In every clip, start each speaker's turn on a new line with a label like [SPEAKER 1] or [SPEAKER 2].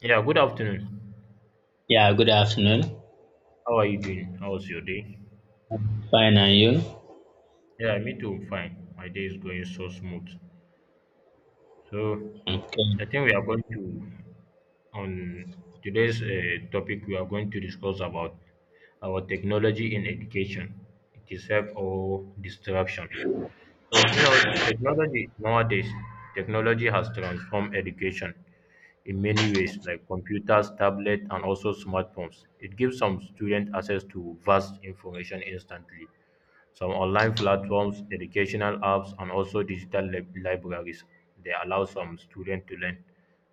[SPEAKER 1] Yeah, good afternoon.
[SPEAKER 2] Yeah, good afternoon.
[SPEAKER 1] How are you doing? How was your day?
[SPEAKER 2] Fine, and you?
[SPEAKER 1] Yeah, me too. Fine. My day is going so smooth. So,
[SPEAKER 2] Okay.
[SPEAKER 1] I think we are going to, on today's topic, we are going to discuss about our technology in education, it is help or disruption. So, you know, technology nowadays, technology has transformed education in many ways, like computers, tablets, and also smartphones. It gives some students access to vast information instantly. Some online platforms, educational apps, and also libraries, they allow some students to learn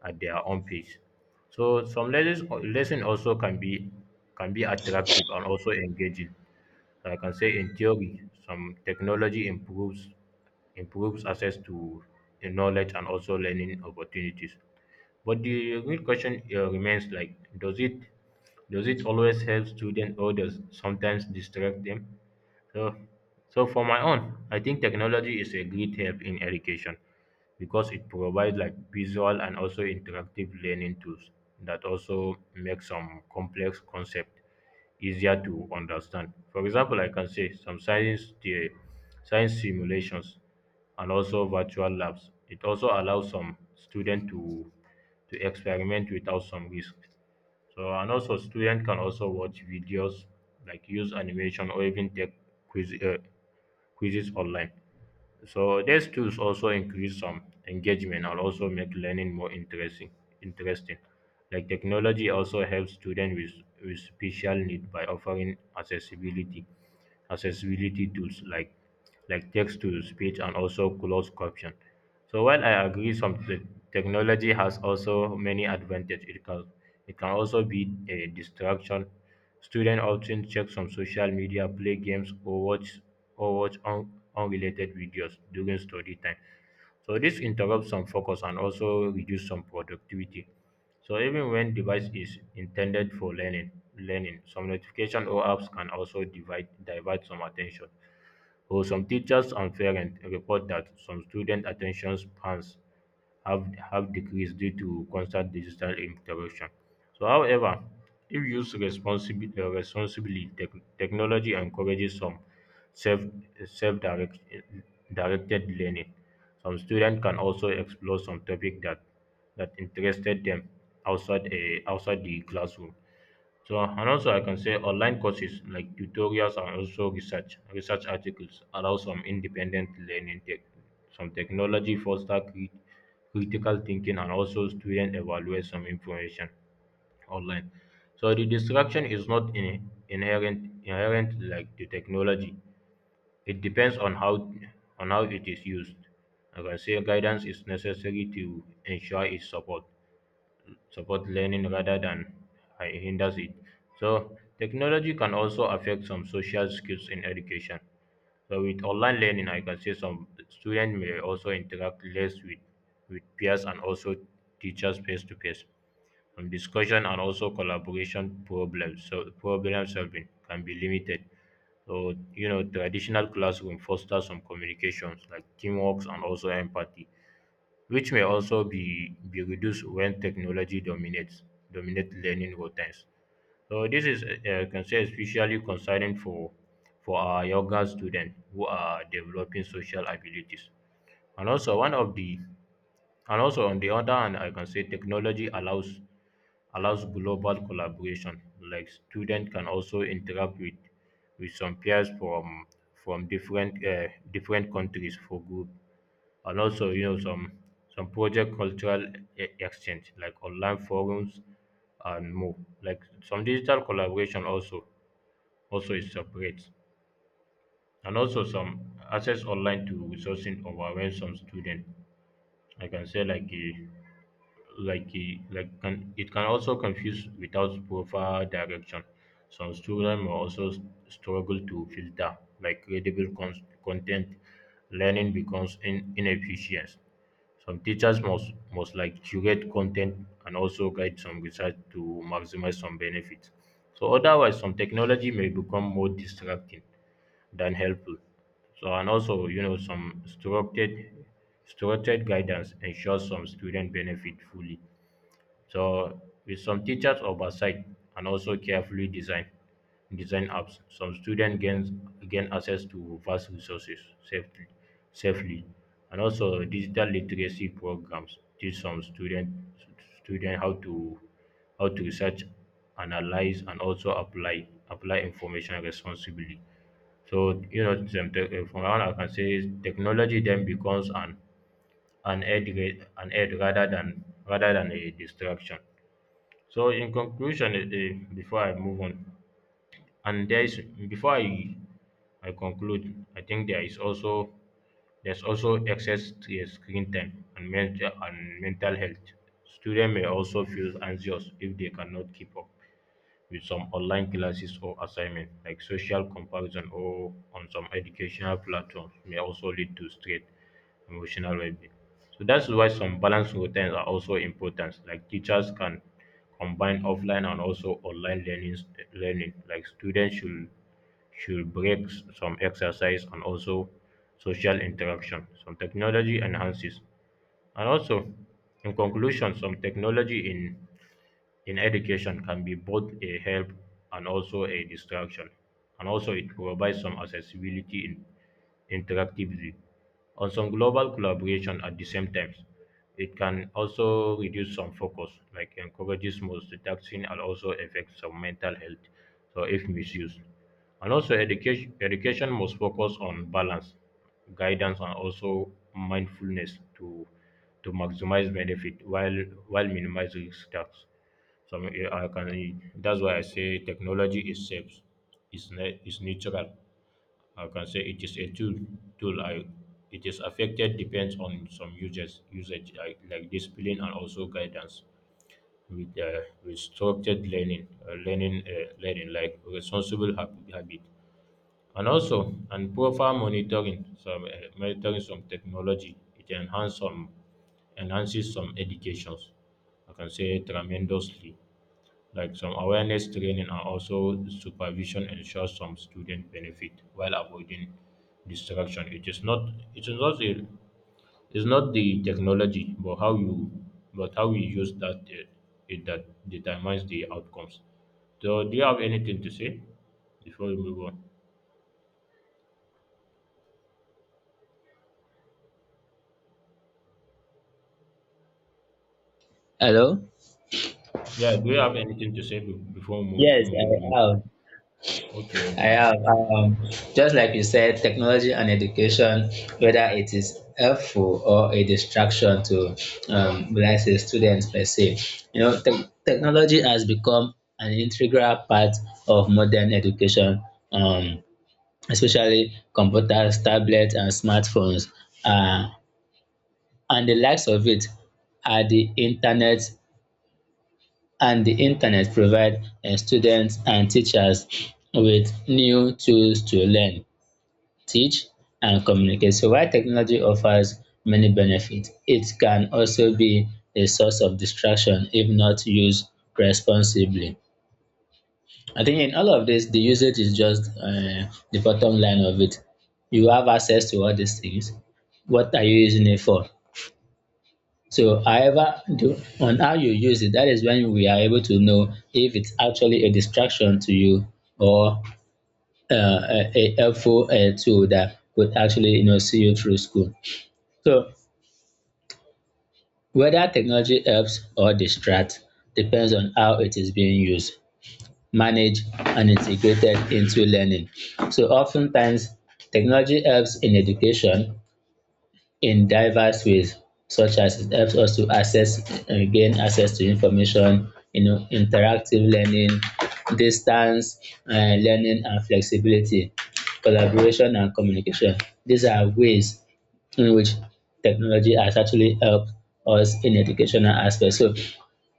[SPEAKER 1] at their own pace. So some lesson also can be attractive and also engaging. Like I can say in theory, some technology improves improves access to the knowledge and also learning opportunities. But the real question remains like, does it always help students, or does sometimes distract them? So, so, for my own, I think technology is a great help in education because it provides like visual and also interactive learning tools that also make some complex concept easier to understand. For example, I can say some science simulations and also virtual labs. It also allows some student to experiment without some risk. So and also student can also watch videos like use animation or even take quiz uh, quizzes online. So these tools also increase some engagement and also make learning more interesting. Interesting, like technology also helps students with special need by offering accessibility tools like text to speech and also closed caption. So while I agree technology has also many advantages, it can also be a distraction. Students often check some social media, play games, or watch unrelated videos during study time. So this interrupts some focus and also reduce some productivity. So even when device is intended for learning, learning some notification or apps can also divert some attention. So some teachers and parents report that some student attention spans have decreased due to constant digital interaction. So, however, if used responsibly, technology encourages some self self direct, directed learning. Some students can also explore some topic that interested them outside a outside the classroom. So and also I can say online courses like tutorials and also research articles allow some independent learning tech Some technology foster critical thinking and also student evaluate some information online. So the distraction is not in, inherent inherent like the technology. It depends on how it is used. Like I can say guidance is necessary to ensure its support learning rather than hinders it. So technology can also affect some social skills in education. So with online learning, I can say some students may also interact less with peers and also teachers face to face. Discussion and also collaboration problems. So problem solving can be limited. So you know, traditional classroom fosters some communications like teamwork and also empathy which may also be reduced when technology dominates dominate learning routines. So this is can say especially concerning for our younger students who are developing social abilities. And also one of the and also on the other hand, I can say technology allows global collaboration. Like students can also interact with some peers from different different countries for group and also you know some project cultural exchange like online forums and more like some digital collaboration also also is separate and also some access online to resourcing over when some student I can say like a like it, like can it can also confuse without proper direction. Some students may also struggle to filter like credible content. Learning becomes inefficient. Some teachers must like curate content and also guide some research to maximize some benefits. So otherwise, some technology may become more distracting than helpful. So and also, you know, some structured guidance ensures some student benefit fully. So with some teachers oversight and also carefully designed design apps, some students gain access to vast resources safely safely. And also digital literacy programs teach some student how to research, analyze and also apply information responsibly. So you know, from around I can say technology then becomes an an aid rather than a distraction. So in conclusion, before I move on and there is, before I conclude, I think there is also, there's also excess screen time and mental health. Students may also feel anxious if they cannot keep up with some online classes or assignment, like social comparison or on some educational platforms, may also lead to stress, emotional well-being. So that's why some balanced routines are also important. Like teachers can combine offline and also online learning, learning. Like students should break some exercise and also social interaction. Some technology enhances, and also in conclusion, some technology in education can be both a help and also a distraction. And also, it provides some accessibility in interactively. On some global collaboration at the same time, it can also reduce some focus, like encourages multitasking and also affects some mental health. So, if misused, and also education must focus on balance, guidance, and also mindfulness to maximize benefit while minimizing risks. Some I can. That's why I say technology is safe. It's neutral. I can say it is a tool. Tool. I. It is affected depends on some users usage like discipline and also guidance with structured learning like responsible habit, and also and proper monitoring. Some monitoring some technology. It enhances some educations. I can say tremendously like some awareness training and also supervision ensures some student benefit while avoiding distraction. It is not, it is not the it's not the technology but how you, but how you use that it that determines the outcomes. So do you have anything to say before we move on?
[SPEAKER 2] Hello?
[SPEAKER 1] Yeah, do you have anything to say before we move?
[SPEAKER 2] Yes,
[SPEAKER 1] We
[SPEAKER 2] I
[SPEAKER 1] move?
[SPEAKER 2] have.
[SPEAKER 1] Okay,
[SPEAKER 2] I
[SPEAKER 1] okay.
[SPEAKER 2] have. Just like you said, technology and education, whether it is helpful or a distraction to, will I say, students per se. You know, technology has become an integral part of modern education, um, especially computers, tablets, and smartphones, uh, and the likes of it are the internet, and the internet provide students and teachers with new tools to learn, teach and communicate. So while technology offers many benefits, it can also be a source of distraction if not used responsibly. I think in all of this, the usage is just the bottom line of it. You have access to all these things. What are you using it for? So however, on how you use it, that is when we are able to know if it's actually a distraction to you or uh, a, helpful tool that could actually, you know, see you through school. So whether technology helps or distracts depends on how it is being used, managed, and integrated into learning. So oftentimes, technology helps in education in diverse ways, such as it helps us to access and gain access to information, you know, interactive learning, distance learning and flexibility, collaboration and communication. These are ways in which technology has actually helped us in educational aspects. So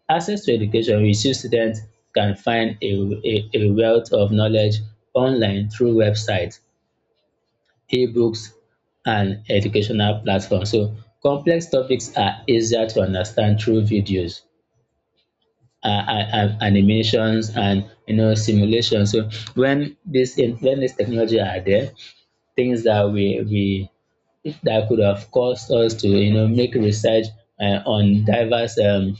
[SPEAKER 2] access to education, we see students can find a wealth of knowledge online through websites, ebooks and educational platforms. So complex topics are easier to understand through videos, animations and, you know, simulations. So when this technology are there, things that we that could have caused us to, you know, make research on diverse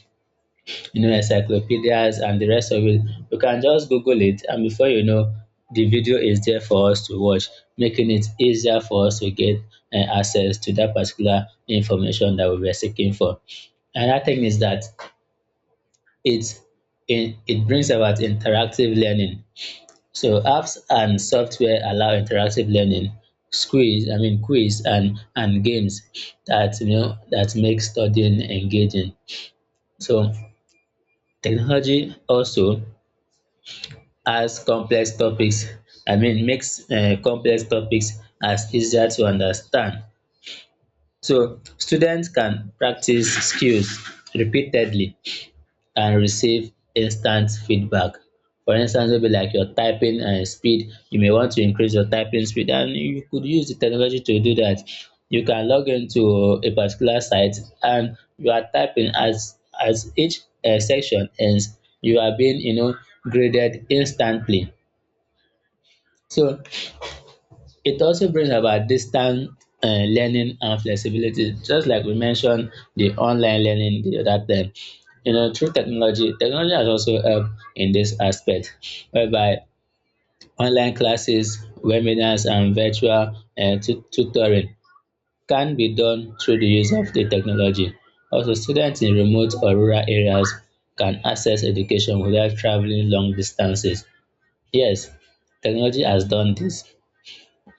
[SPEAKER 2] you know, encyclopedias and the rest of it. You can just Google it, and before you know, the video is there for us to watch, making it easier for us to get access to that particular information that we were seeking for. Another thing is that it, it brings about interactive learning. So apps and software allow interactive learning, quiz, I mean quiz and games that, you know, that make studying engaging. So technology also as complex topics I mean makes complex topics as easier to understand, so students can practice skills repeatedly and receive instant feedback. For instance, maybe like your typing speed, you may want to increase your typing speed and you could use the technology to do that. You can log into a particular site and you are typing as each section ends, you are being, you know, graded instantly. So it also brings about distant learning and flexibility, just like we mentioned the online learning the other time. You know, through technology, technology has also helped in this aspect, whereby online classes, webinars, and virtual tutoring can be done through the use of the technology. Also, students in remote or rural areas can access education without traveling long distances. Yes, technology has done this.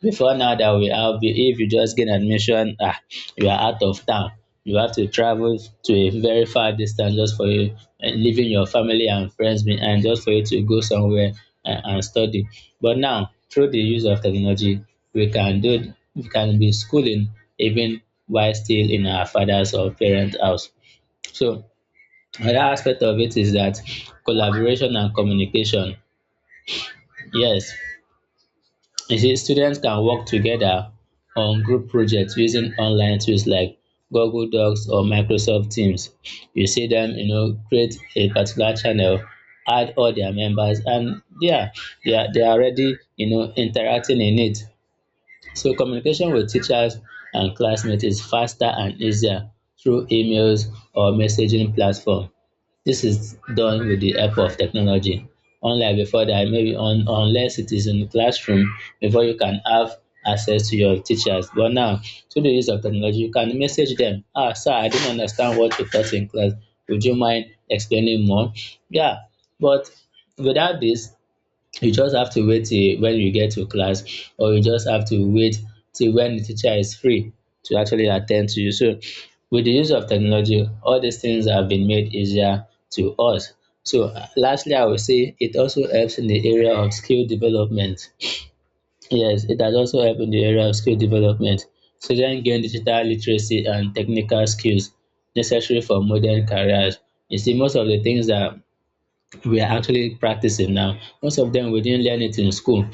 [SPEAKER 2] Before now that we have, if you just get admission, ah, you are out of town. You have to travel to a very far distance just for you, and leaving your family and friends behind just for you to go somewhere and, study. But now, through the use of technology, we can be schooling even while still in our father's or parents' house. So another aspect of it is that collaboration and communication. Yes, you see, students can work together on group projects using online tools like Google Docs or Microsoft Teams. You see them, you know, create a particular channel, add all their members, and yeah, they are already, you know, interacting in it. So communication with teachers and classmates is faster and easier through emails or messaging platform. This is done with the help of technology. Unlike before that, maybe unless it is in the classroom, before you can have access to your teachers. But now, through the use of technology, you can message them. Ah, sir, I didn't understand what you taught in class. Would you mind explaining more? Yeah, but without this, you just have to wait till when you get to class, or you just have to wait till when the teacher is free to actually attend to you. So with the use of technology, all these things have been made easier to us. So lastly, I would say it also helps in the area of skill development. Yes, it has also helped in the area of skill development. Students gain digital literacy and technical skills necessary for modern careers. You see, most of the things that we are actually practicing now, most of them we didn't learn it in school.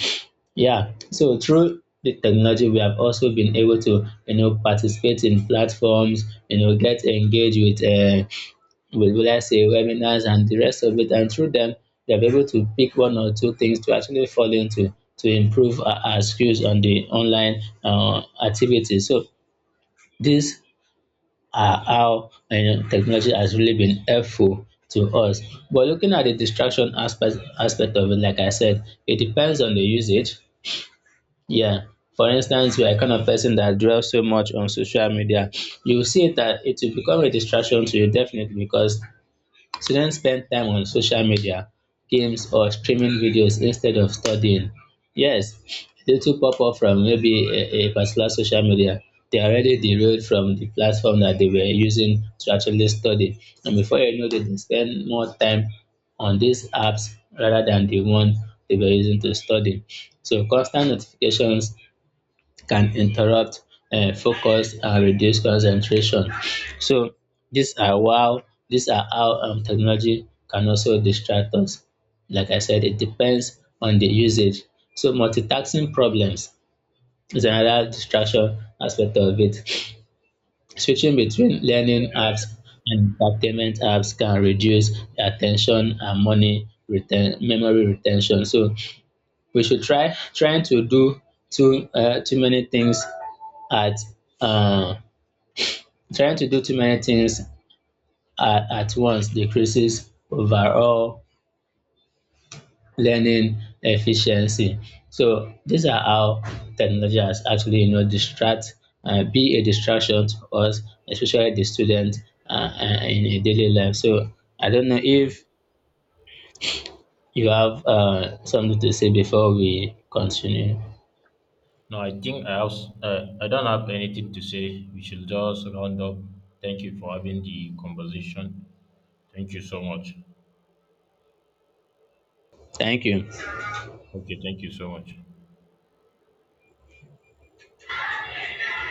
[SPEAKER 2] Yeah, so through the technology, we have also been able to, you know, participate in platforms, you know, get engaged with what I say, webinars and the rest of it. And through them, they're able to pick one or two things to actually fall into, to improve our skills on the online activities. So these are how, you know, technology has really been helpful to us. But looking at the distraction aspect aspect of it, like I said, it depends on the usage, yeah. For instance, you are kind of person that dwells so much on social media, you will see that it will become a distraction to you definitely, because students spend time on social media, games or streaming videos instead of studying. Yes, they too pop up from maybe a particular social media. They are already derailed from the platform that they were using to actually study. And before you know it, they spend more time on these apps rather than the one they were using to study. So constant notifications can interrupt focus and reduce concentration. So these are wow, these are how technology can also distract us. Like I said, it depends on the usage. So multitasking problems is another distraction aspect of it. Switching between learning apps and entertainment apps can reduce attention and memory retention. So we should try trying to do too many things at uh, trying to do too many things at, once decreases overall learning efficiency. So these are how technology has actually, you know, distract be a distraction to us, especially the student, uh, in a daily life. So I don't know if you have something to say before we continue.
[SPEAKER 1] No, I think I have, I don't have anything to say. We should just round up. Thank you for having the conversation. Thank you so much.
[SPEAKER 2] Thank you.
[SPEAKER 1] Okay, thank you so much.